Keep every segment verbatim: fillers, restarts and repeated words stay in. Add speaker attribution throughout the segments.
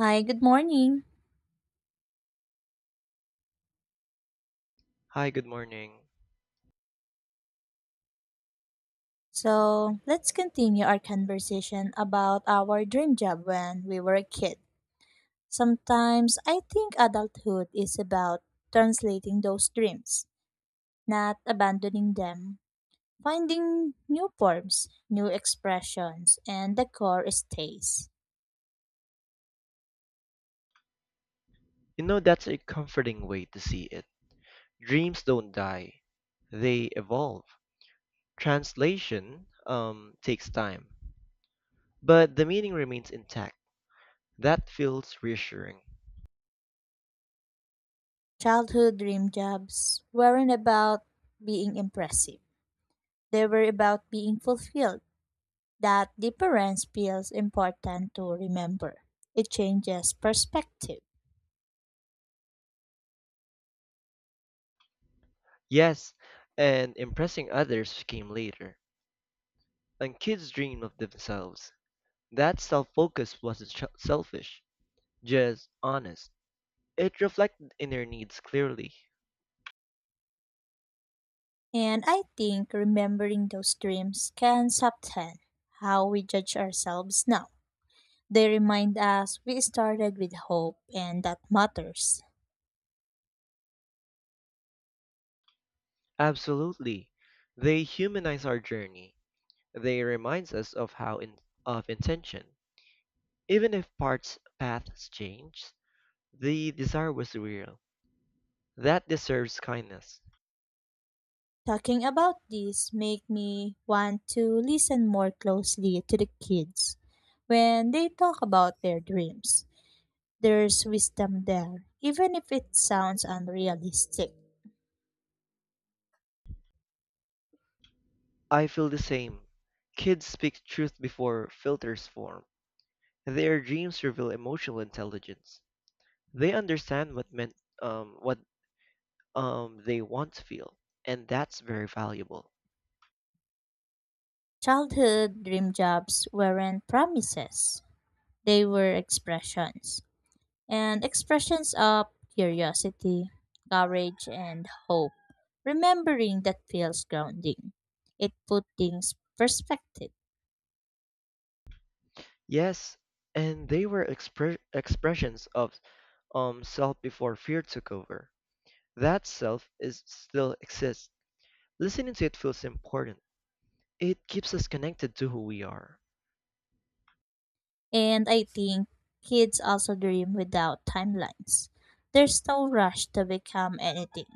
Speaker 1: Hi, good morning.
Speaker 2: Hi, good morning.
Speaker 1: So let's continue our conversation about our dream job when we were a kid. Sometimes I think adulthood is about translating those dreams, not abandoning them, finding new forms, new expressions, and the core stays.
Speaker 2: You know, that's a comforting way to see it. Dreams don't die, they evolve. Translation um, takes time, but the meaning remains intact. That feels reassuring.
Speaker 1: Childhood dream jobs weren't about being impressive, they were about being fulfilled. That difference feels important to remember. It changes perspective.
Speaker 2: Yes, and impressing others came later. And kids dream of themselves. That self focus wasn't sh- selfish, just honest. It reflected inner needs clearly.
Speaker 1: And I think remembering those dreams can soften how we judge ourselves now. They remind us we started with hope, and that matters.
Speaker 2: Absolutely. They humanize our journey. They reminds us of how in, of intention. Even if parts paths change, the desire was real. That deserves kindness.
Speaker 1: Talking about this make me want to listen more closely to the kids when they talk about their dreams. There's wisdom there, even if it sounds unrealistic.
Speaker 2: I feel the same. Kids speak truth before filters form. Their dreams reveal emotional intelligence. They understand what meant um what um they want to feel, and that's very valuable.
Speaker 1: Childhood dream jobs weren't promises, they were expressions, and expressions of curiosity, courage, and hope. Remembering that feels grounding. It put things perspective.
Speaker 2: Yes, and they were expre- expressions of um self before fear took over. That self is still exists. Listening to it feels important. It keeps us connected to who we are.
Speaker 1: And I think kids also dream without timelines. There's no rush to become anything.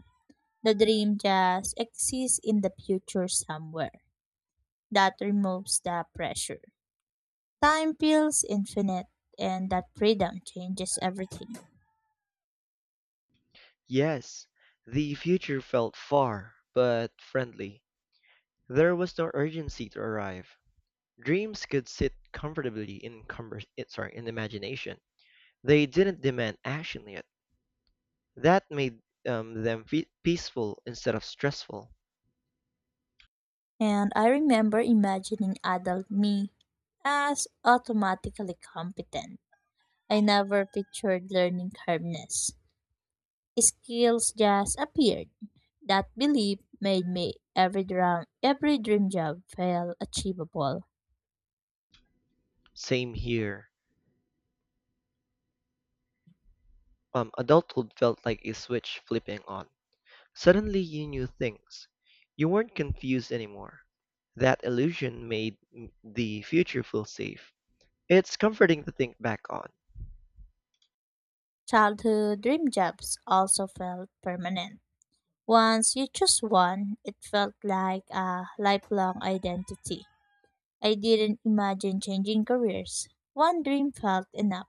Speaker 1: The dream just exists in the future somewhere. That removes the pressure. Time feels infinite, and that freedom changes everything.
Speaker 2: Yes, the future felt far, but friendly. There was no urgency to arrive. Dreams could sit comfortably in conver- eh, sorry, in imagination. They didn't demand action yet. That made um, them fe- peaceful instead of stressful.
Speaker 1: And I remember imagining adult me as automatically competent. I never pictured learning calmness. Skills just appeared. That belief made me every dream, every dream job felt achievable.
Speaker 2: Same here. Um, adulthood felt like a switch flipping on. Suddenly you knew things. You weren't confused anymore. That illusion made m- the future feel safe. It's comforting to think back on.
Speaker 1: Childhood dream jobs also felt permanent. Once you choose one, it felt like a lifelong identity. I didn't imagine changing careers. One dream felt enough.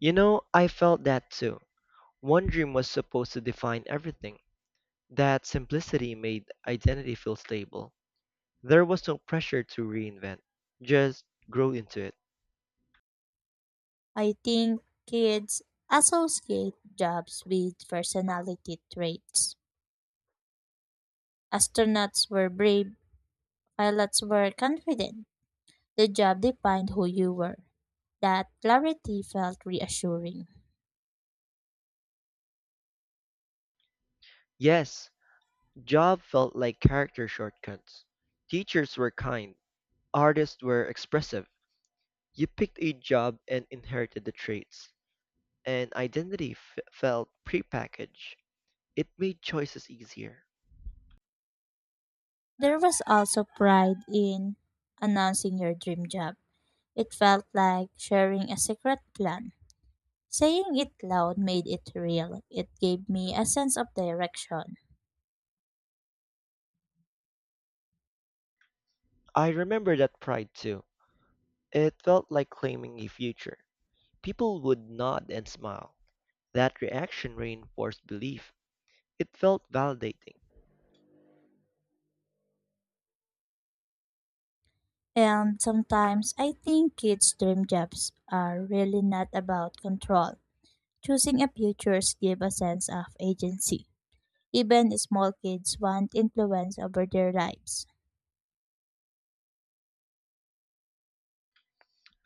Speaker 2: You know, I felt that too. One dream was supposed to define everything. That simplicity made identity feel stable. There was no pressure to reinvent, just grow into it.
Speaker 1: I think kids associate jobs with personality traits. Astronauts were brave, pilots were confident. The job defined who you were. That clarity felt reassuring.
Speaker 2: Yes, job felt like character shortcuts. Teachers were kind, artists were expressive. You picked a job and inherited the traits, and identity f- felt prepackaged. It made choices easier.
Speaker 1: There was also pride in announcing your dream job. It felt like sharing a secret plan. Saying it loud made it real. It gave me a sense of direction.
Speaker 2: I remember that pride too. It felt like claiming a future. People would nod and smile. That reaction reinforced belief. It felt validating.
Speaker 1: And sometimes I think kids' dream jobs are really not about control. Choosing a futures give a sense of agency. Even small kids want influence over their lives.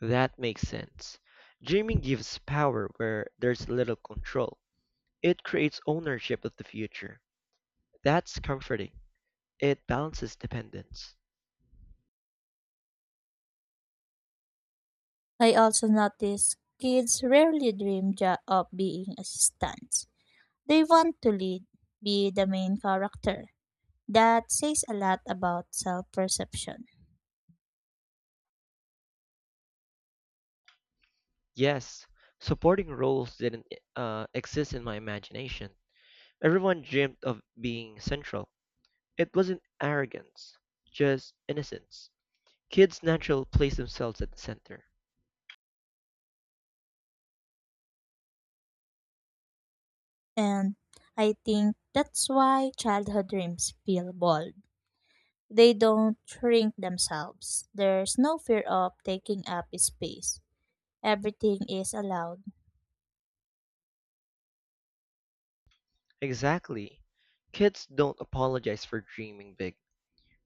Speaker 2: That makes sense. Dreaming gives power where there's little control. It creates ownership of the future. That's comforting. It balances dependence.
Speaker 1: I also notice kids rarely dream jo- of being assistants. They want to lead, be the main character. That says a lot about self-perception.
Speaker 2: Yes, supporting roles didn't uh, exist in my imagination. Everyone dreamed of being central. It wasn't arrogance, just innocence. Kids naturally place themselves at the center.
Speaker 1: And I think that's why childhood dreams feel bold. They don't shrink themselves. There's no fear of taking up space. Everything is allowed.
Speaker 2: Exactly. Kids don't apologize for dreaming big.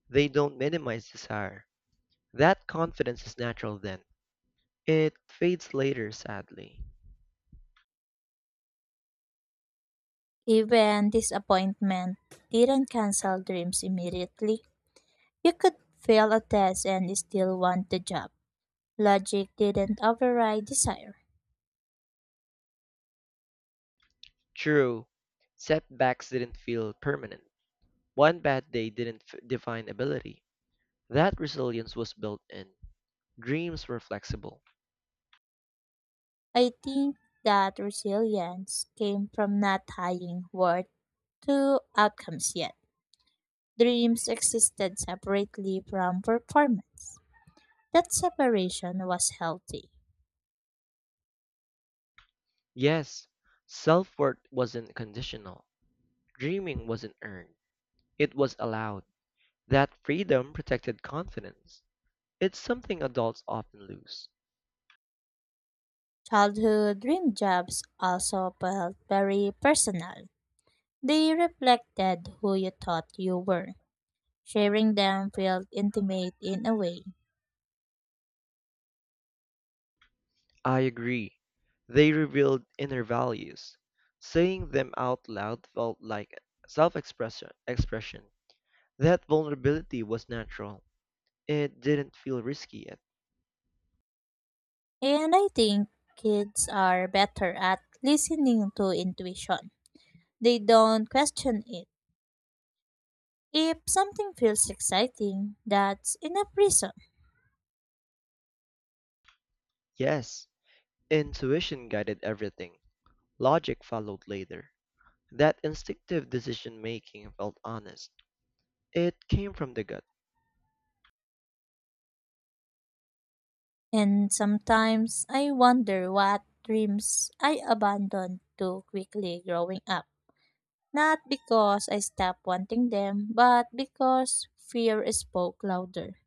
Speaker 2: They don't minimize desire. That confidence is natural then. It fades later, sadly.
Speaker 1: Even disappointment didn't cancel dreams immediately. You could fail a test and still want the job. Logic didn't override desire.
Speaker 2: True, setbacks didn't feel permanent. One bad day didn't f- define ability. That resilience was built in. Dreams were flexible.
Speaker 1: I think that resilience came from not tying worth to outcomes yet. Dreams existed separately from performance. That separation was healthy.
Speaker 2: Yes, self-worth wasn't conditional. Dreaming wasn't earned. It was allowed. That freedom protected confidence. It's something adults often lose.
Speaker 1: Childhood dream jobs also felt very personal. They reflected who you thought you were. Sharing them felt intimate in a way.
Speaker 2: I agree. They revealed inner values. Saying them out loud felt like self-expression. Expression. That vulnerability was natural. It didn't feel risky yet.
Speaker 1: And I think kids are better at listening to intuition. They don't question it. If something feels exciting, that's enough reason.
Speaker 2: Yes, intuition guided everything. Logic followed later. That instinctive decision-making felt honest. It came from the gut.
Speaker 1: And sometimes I wonder what dreams I abandoned too quickly growing up. Not because I stopped wanting them, but because fear spoke louder.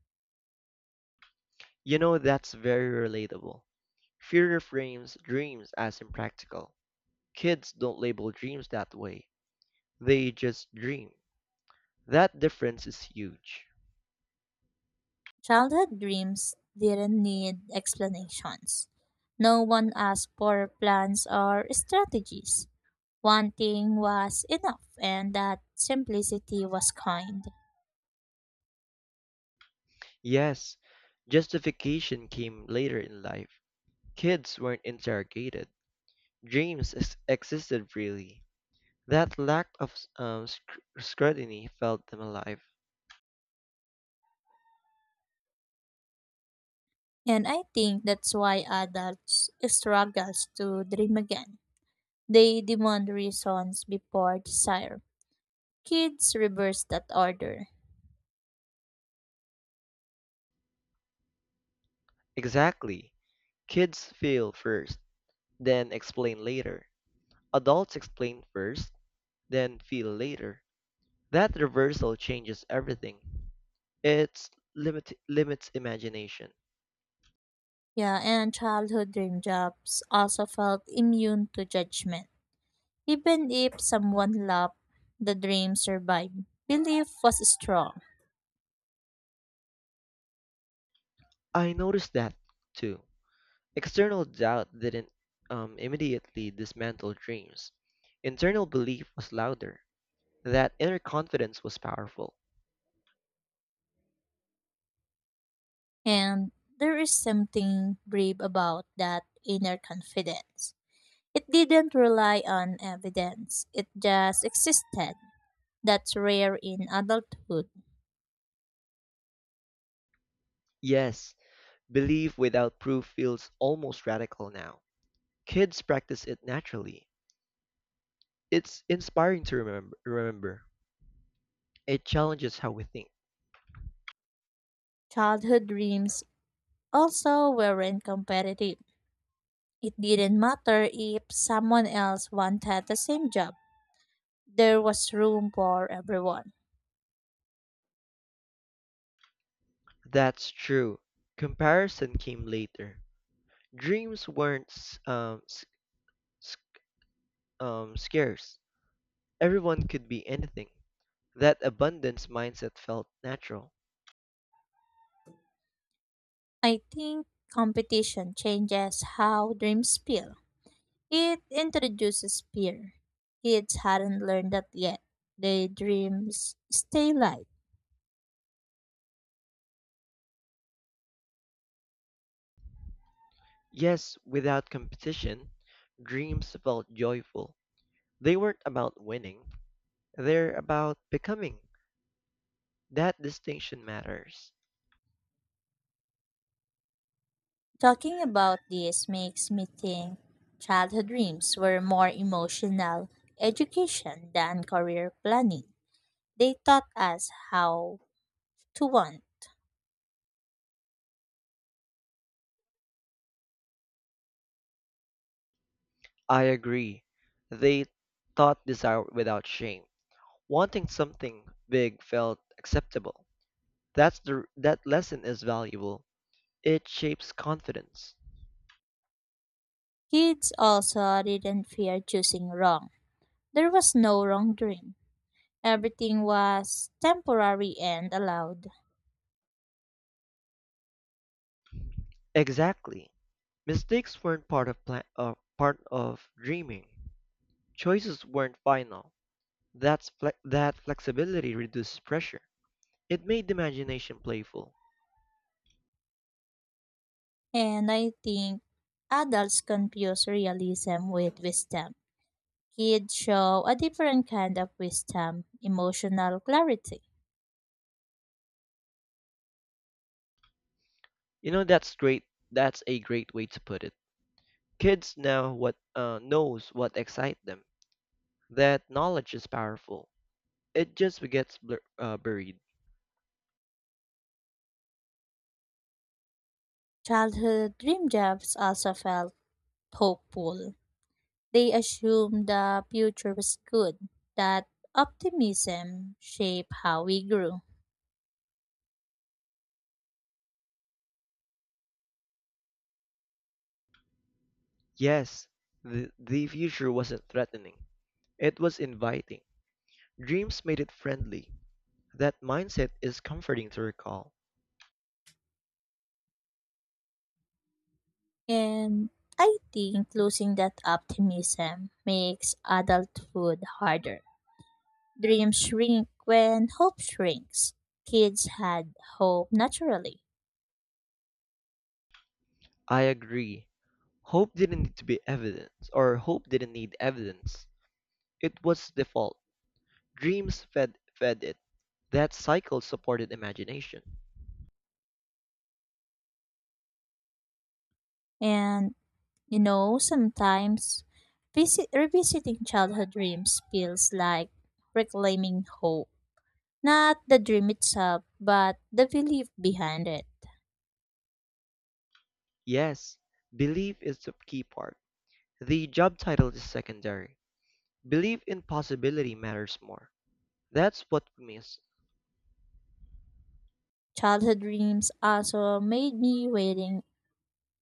Speaker 2: You know, that's very relatable. Fear frames dreams as impractical. Kids don't label dreams that way. They just dream. That difference is huge.
Speaker 1: Childhood dreams didn't need explanations. No one asked for plans or strategies. Wanting was enough, and that simplicity was kind.
Speaker 2: Yes, justification came later in life. Kids weren't interrogated. Dreams ex- existed freely. That lack of um, sc- scrutiny felt them alive.
Speaker 1: And I think that's why adults struggles to dream again. They demand reasons before desire. Kids reverse that order.
Speaker 2: Exactly. Kids feel first, then explain later. Adults explain first, then feel later. That reversal changes everything. It limit limits imagination.
Speaker 1: Yeah, and childhood dream jobs also felt immune to judgment. Even if someone loved, the dream survived. Belief was strong,
Speaker 2: I noticed that too. External doubt didn't um, immediately dismantle dreams. Internal belief was louder. That inner confidence was powerful.
Speaker 1: and there is something brave about that inner confidence. It didn't rely on evidence, it just existed. That's rare in adulthood.
Speaker 2: Yes, belief without proof feels almost radical now. Kids practice it naturally. It's inspiring to remem- remember. It challenges how we think.
Speaker 1: Childhood dreams also weren't competitive. It didn't matter if someone else wanted the same job, there was room for everyone.
Speaker 2: That's true. Comparison came later. Dreams weren't s- um, s- s- um, scarce. Everyone could be anything. That abundance mindset felt natural.
Speaker 1: I think competition changes how dreams feel. It introduces fear. Kids hadn't learned that yet. Their dreams stay light.
Speaker 2: Yes, without competition, dreams felt joyful. They weren't about winning, they're about becoming. That distinction matters.
Speaker 1: Talking about this makes me think childhood dreams were more emotional education than career planning. They taught us how to want.
Speaker 2: I agree. They thought desire without shame. Wanting something big felt acceptable. That's the that lesson is valuable. It shapes confidence.
Speaker 1: Kids also didn't fear choosing wrong. There was no wrong dream. Everything was temporary and allowed.
Speaker 2: Exactly. Mistakes weren't part of plan, uh, part of dreaming. Choices weren't final. That's fle- that flexibility reduces pressure. It made the imagination playful.
Speaker 1: And I think adults confuse realism with wisdom. Kids show a different kind of wisdom, emotional clarity.
Speaker 2: You know that's great. That's a great way to put it. Kids now what uh, knows what excites them. That knowledge is powerful. It just gets blur- uh, buried.
Speaker 1: Childhood dream jobs also felt hopeful. They assumed the future was good. That optimism shaped how we grew.
Speaker 2: Yes, the, the future wasn't threatening. It was inviting. Dreams made it friendly. That mindset is comforting to recall.
Speaker 1: And I think losing that optimism makes adulthood harder. Dreams shrink when hope shrinks. Kids had hope naturally.
Speaker 2: I agree. Hope didn't need to be evidence, or hope didn't need evidence. It was default. Dreams fed fed it. That cycle supported imagination.
Speaker 1: And, you know, sometimes visit, revisiting childhood dreams feels like reclaiming hope. Not the dream itself, but the belief behind it.
Speaker 2: Yes, belief is the key part. The job title is secondary. Belief in possibility matters more. That's what we miss.
Speaker 1: Childhood dreams also made me waiting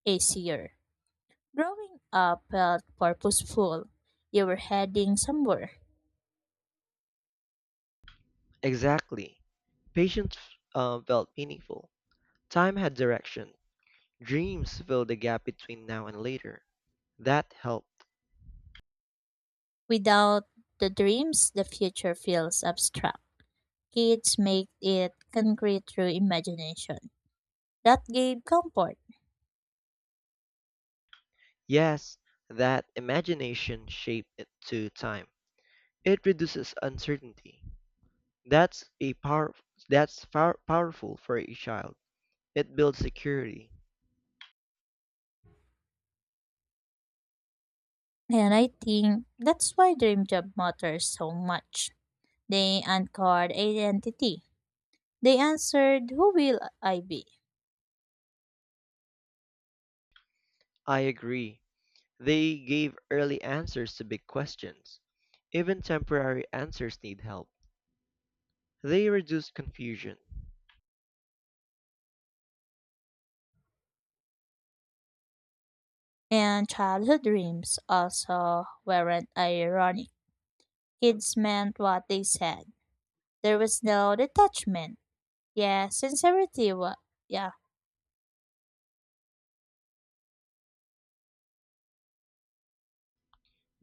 Speaker 1: easier. Growing up felt purposeful. You were heading somewhere.
Speaker 2: Exactly. Patience uh, felt meaningful. Time had direction. Dreams filled the gap between now and later. That helped.
Speaker 1: Without the dreams, the future feels abstract. Kids make it concrete through imagination. That gave comfort.
Speaker 2: Yes, that imagination shaped it to time. It reduces uncertainty. That's a power. That's far powerful for a child. It builds security.
Speaker 1: And I think that's why dream job matters so much. They uncovered identity. They answered who will I be?
Speaker 2: I agree. They gave early answers to big questions. Even temporary answers need help. They reduce confusion.
Speaker 1: And childhood dreams also weren't ironic. Kids meant what they said. There was no detachment. Yeah, sincerity. Wa- yeah,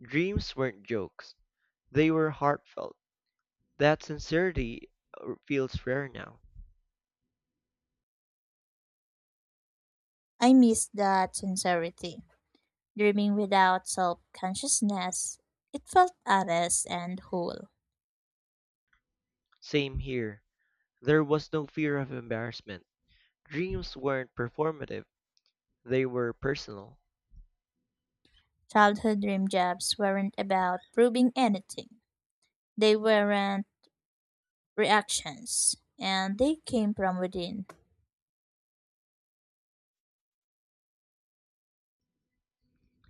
Speaker 2: Dreams weren't jokes. They were heartfelt. That sincerity uh, feels rare now.
Speaker 1: I miss that sincerity. Dreaming without self consciousness, it felt honest and whole.
Speaker 2: Same here. There was no fear of embarrassment. Dreams weren't performative. They were personal.
Speaker 1: Childhood dream jobs weren't about proving anything, they weren't reactions, and they came from within.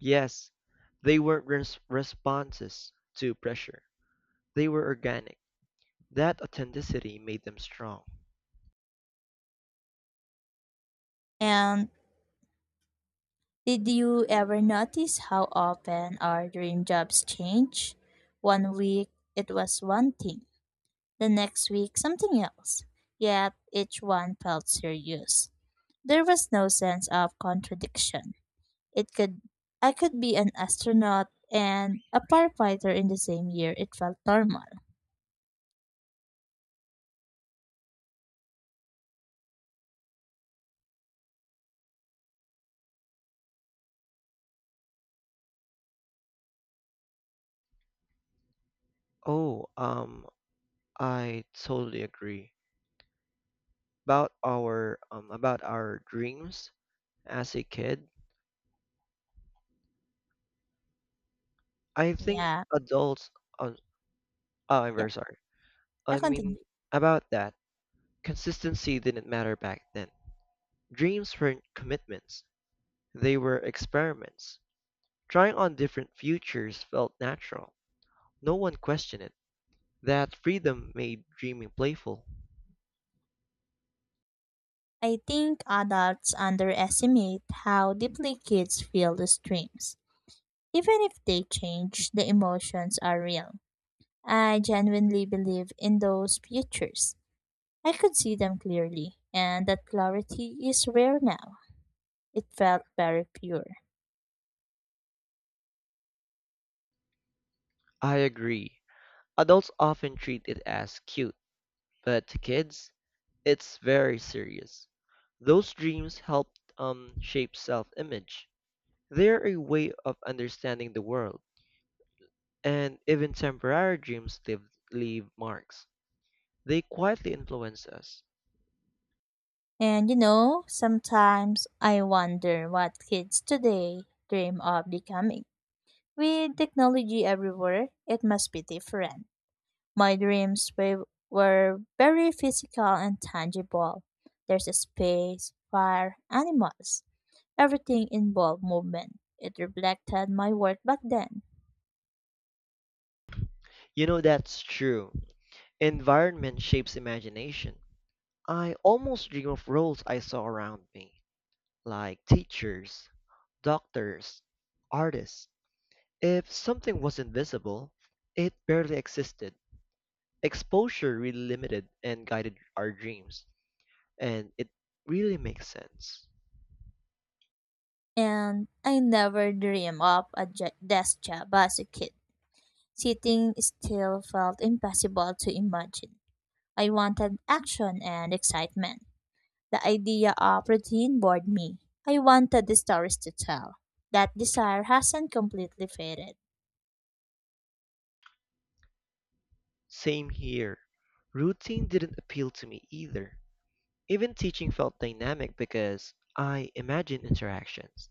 Speaker 2: Yes, they weren't res- responses to pressure. They were organic. That authenticity made them strong.
Speaker 1: And did you ever notice how often our dream jobs change? One week it was one thing, the next week something else, yet each one felt serious. There was no sense of contradiction. It could I could be an astronaut and a firefighter in the same year. It felt normal.
Speaker 2: Oh, um, I totally agree about our um about our dreams as a kid. I think
Speaker 1: Yeah.
Speaker 2: adults uh, Oh, I'm
Speaker 1: Yeah.
Speaker 2: very sorry.
Speaker 1: Yeah,
Speaker 2: I
Speaker 1: continue.
Speaker 2: mean, about that, consistency didn't matter back then. Dreams weren't commitments, they were experiments. Trying on different futures felt natural. No one questioned it. That freedom made dreaming playful.
Speaker 1: I think adults underestimate how deeply kids feel these dreams. Even if they change, the emotions are real. I genuinely believe in those futures. I could see them clearly, and that clarity is rare now. It felt very pure.
Speaker 2: I agree. Adults often treat it as cute, but to kids, it's very serious. Those dreams helped um, shape self image. They're a way of understanding the world. And even temporary dreams leave, leave marks. They quietly influence us.
Speaker 1: And you know, sometimes I wonder what kids today dream of becoming. With technology everywhere, it must be different. My dreams wa- were very physical and tangible. There's a space, fire, animals. Everything involved movement. It reflected my work back then.
Speaker 2: You know, that's true. Environment shapes imagination. I almost dream of roles I saw around me, like teachers, doctors, artists. If something was invisible, it barely existed. Exposure really limited and guided our dreams, and it really makes sense.
Speaker 1: And I never dreamed of a je- desk job as a kid. Sitting still felt impossible to imagine. I wanted action and excitement. The idea of routine bored me. I wanted the stories to tell. That desire hasn't completely faded.
Speaker 2: Same here. Routine didn't appeal to me either. Even teaching felt dynamic because I imagined interactions.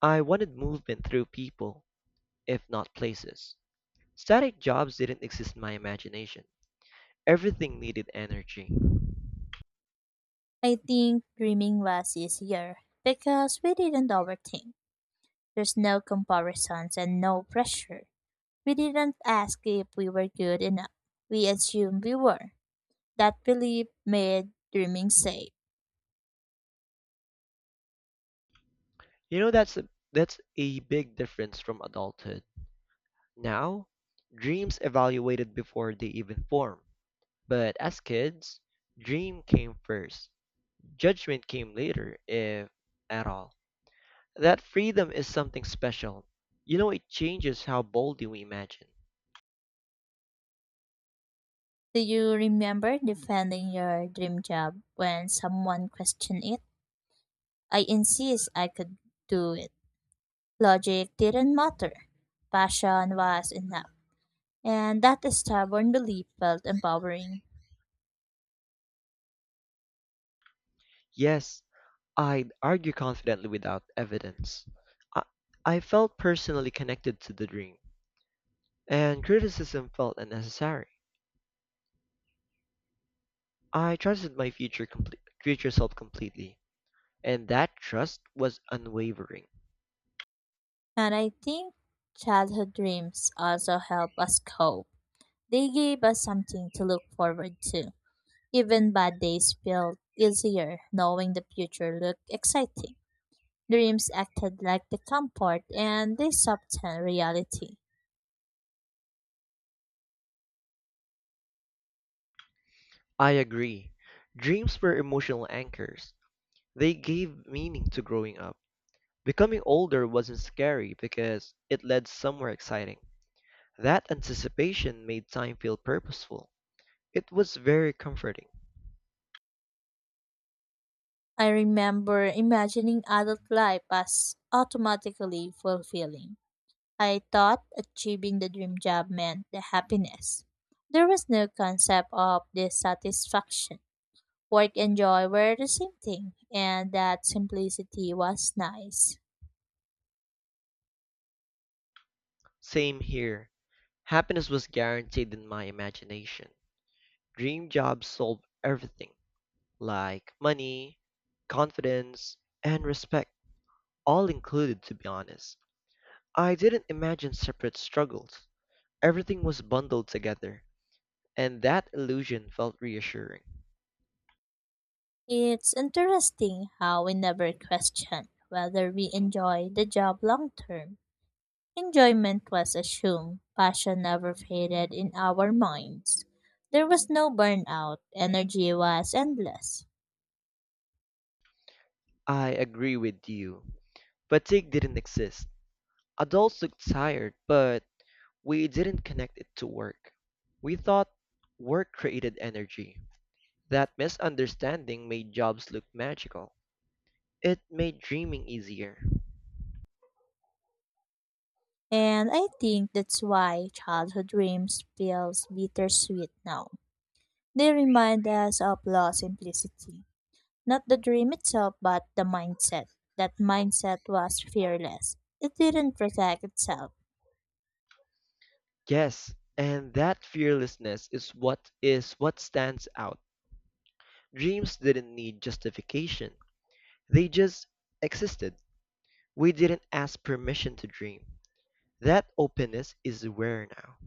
Speaker 2: I wanted movement through people, if not places. Static jobs didn't exist in my imagination. Everything needed energy.
Speaker 1: I think dreaming was easier because we didn't overthink. There's no comparisons and no pressure. We didn't ask if we were good enough. We assumed we were. That belief made dreaming safe.
Speaker 2: You know that's a, that's a big difference from adulthood. Now, dreams evaluated before they even form. But as kids, dream came first. Judgment came later if at all. That freedom is something special. You know, it changes how boldly we imagine.
Speaker 1: Do you remember defending your dream job when someone questioned it? I insist I could do it. Logic didn't matter. Passion was enough. And that stubborn belief felt empowering.
Speaker 2: Yes, I'd argue confidently without evidence. I, I felt personally connected to the dream, and criticism felt unnecessary. I trusted my future, comple- future self completely, and that trust was unwavering.
Speaker 1: And I think childhood dreams also help us cope. They gave us something to look forward to. Even bad days felt easier knowing the future looked exciting. Dreams acted like the comfort, and they softened reality.
Speaker 2: I agree. Dreams were emotional anchors. They gave meaning to growing up. Becoming older wasn't scary because it led somewhere exciting. That anticipation made time feel purposeful. It was very comforting.
Speaker 1: I remember imagining adult life as automatically fulfilling. I thought achieving the dream job meant the happiness. There was no concept of dissatisfaction. Work and joy were the same thing, and that simplicity was nice.
Speaker 2: Same here. Happiness was guaranteed in my imagination. Dream jobs solved everything, like money, confidence, and respect, all included, to be honest. I didn't imagine separate struggles. Everything was bundled together, and that illusion felt reassuring.
Speaker 1: It's interesting how we never question whether we enjoy the job long term. Enjoyment was assumed, passion never faded in our minds. There was no burnout, energy was endless.
Speaker 2: I agree with you. Fatigue didn't exist. Adults looked tired, but we didn't connect it to work. We thought work created energy. That misunderstanding made jobs look magical. It made dreaming easier.
Speaker 1: And I think that's why childhood dreams feels bittersweet now. They remind us of lost simplicity. Not the dream itself, but the mindset. That mindset was fearless. It didn't protect itself.
Speaker 2: Yes, and that fearlessness is what is what stands out. Dreams didn't need justification. They just existed. We didn't ask permission to dream. That openness is rare now.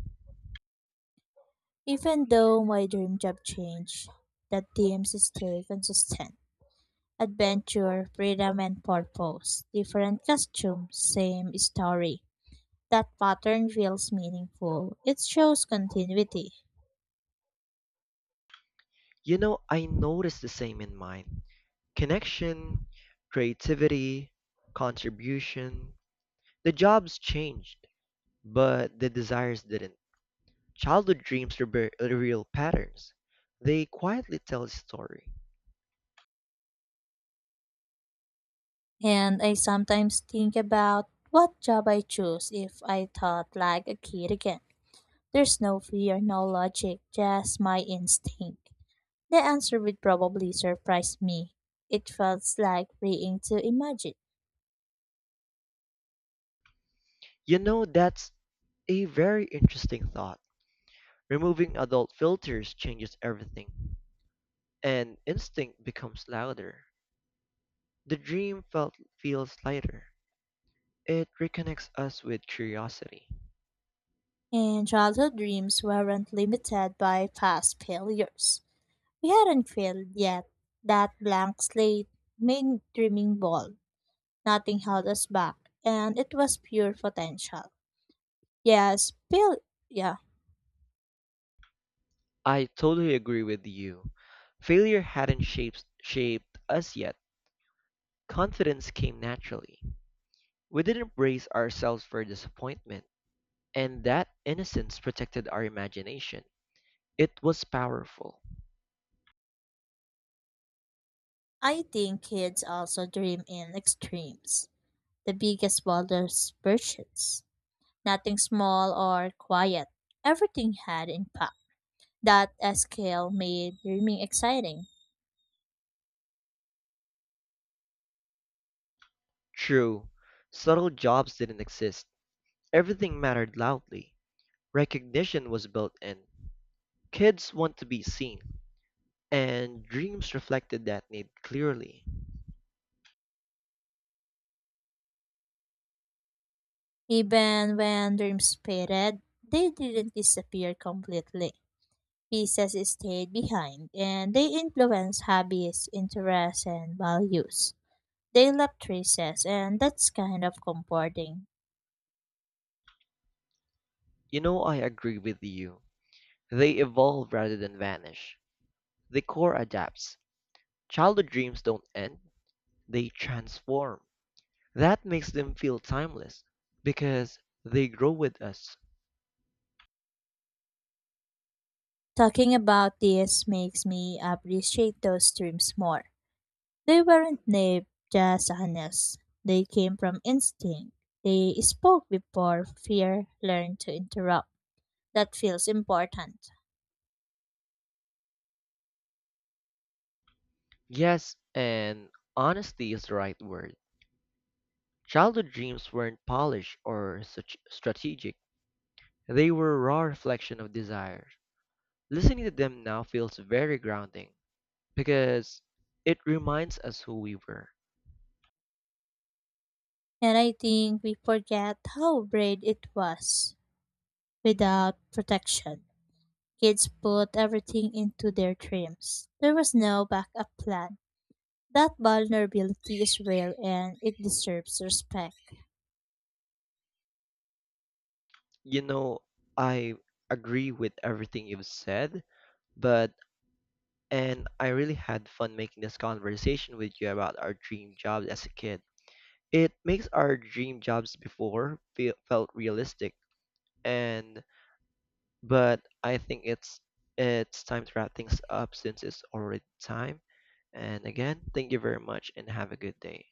Speaker 1: Even though my dream job changed, the themes stay consistent. Adventure, freedom and purpose. Different costumes, same story. That pattern feels meaningful. It shows continuity.
Speaker 2: You know, I noticed the same in mine. Connection, creativity, contribution, the jobs changed, but the desires didn't. Childhood dreams rebe- reveal patterns. They quietly tell a story.
Speaker 1: And I sometimes think about what job I choose if I thought like a kid again. There's no fear, no logic, just my instinct. The answer would probably surprise me. It felt like freeing to imagine.
Speaker 2: You know, that's a very interesting thought. Removing adult filters changes everything, and instinct becomes louder. The dream felt feels lighter. It reconnects us with curiosity.
Speaker 1: And childhood dreams weren't limited by past failures. We hadn't failed yet. That blank slate made dreaming bold. Nothing held us back, and it was pure potential. Yes, Bill. Yeah,
Speaker 2: I totally agree with you. Failure hadn't shaped shaped us yet. Confidence came naturally. We didn't brace ourselves for disappointment, and that innocence protected our imagination. It was powerful.
Speaker 1: I think kids also dream in extremes, the biggest, boldest versions. Nothing small or quiet. Everything had impact. That scale made dreaming exciting.
Speaker 2: True, subtle jobs didn't exist. Everything mattered loudly. Recognition was built in. Kids want to be seen, and dreams reflected that need clearly.
Speaker 1: Even when dreams faded, they didn't disappear completely. Pieces stayed behind, and they influenced hobbies, interests, and values. They left traces, and that's kind of comforting.
Speaker 2: You know, I agree with you. They evolve rather than vanish. The core adapts. Childhood dreams don't end, they transform. That makes them feel timeless because they grow with us.
Speaker 1: Talking about this makes me appreciate those dreams more. They weren't naive, just honest. They came from instinct. They spoke before fear learned to interrupt. That feels important.
Speaker 2: Yes, and honesty is the right word. Childhood dreams weren't polished or such strategic. They were a raw reflection of desire. Listening to them now feels very grounding because it reminds us who we were.
Speaker 1: And I think we forget how brave it was without protection. Kids put everything into their dreams. There was no backup plan. That vulnerability is rare, and it deserves respect.
Speaker 2: You know, I agree with everything you've said, but and I really had fun making this conversation with you about our dream jobs as a kid. It makes our dream jobs before feel, felt realistic and but I think it's it's time to wrap things up since it's already time. And again, thank you very much and have a good day.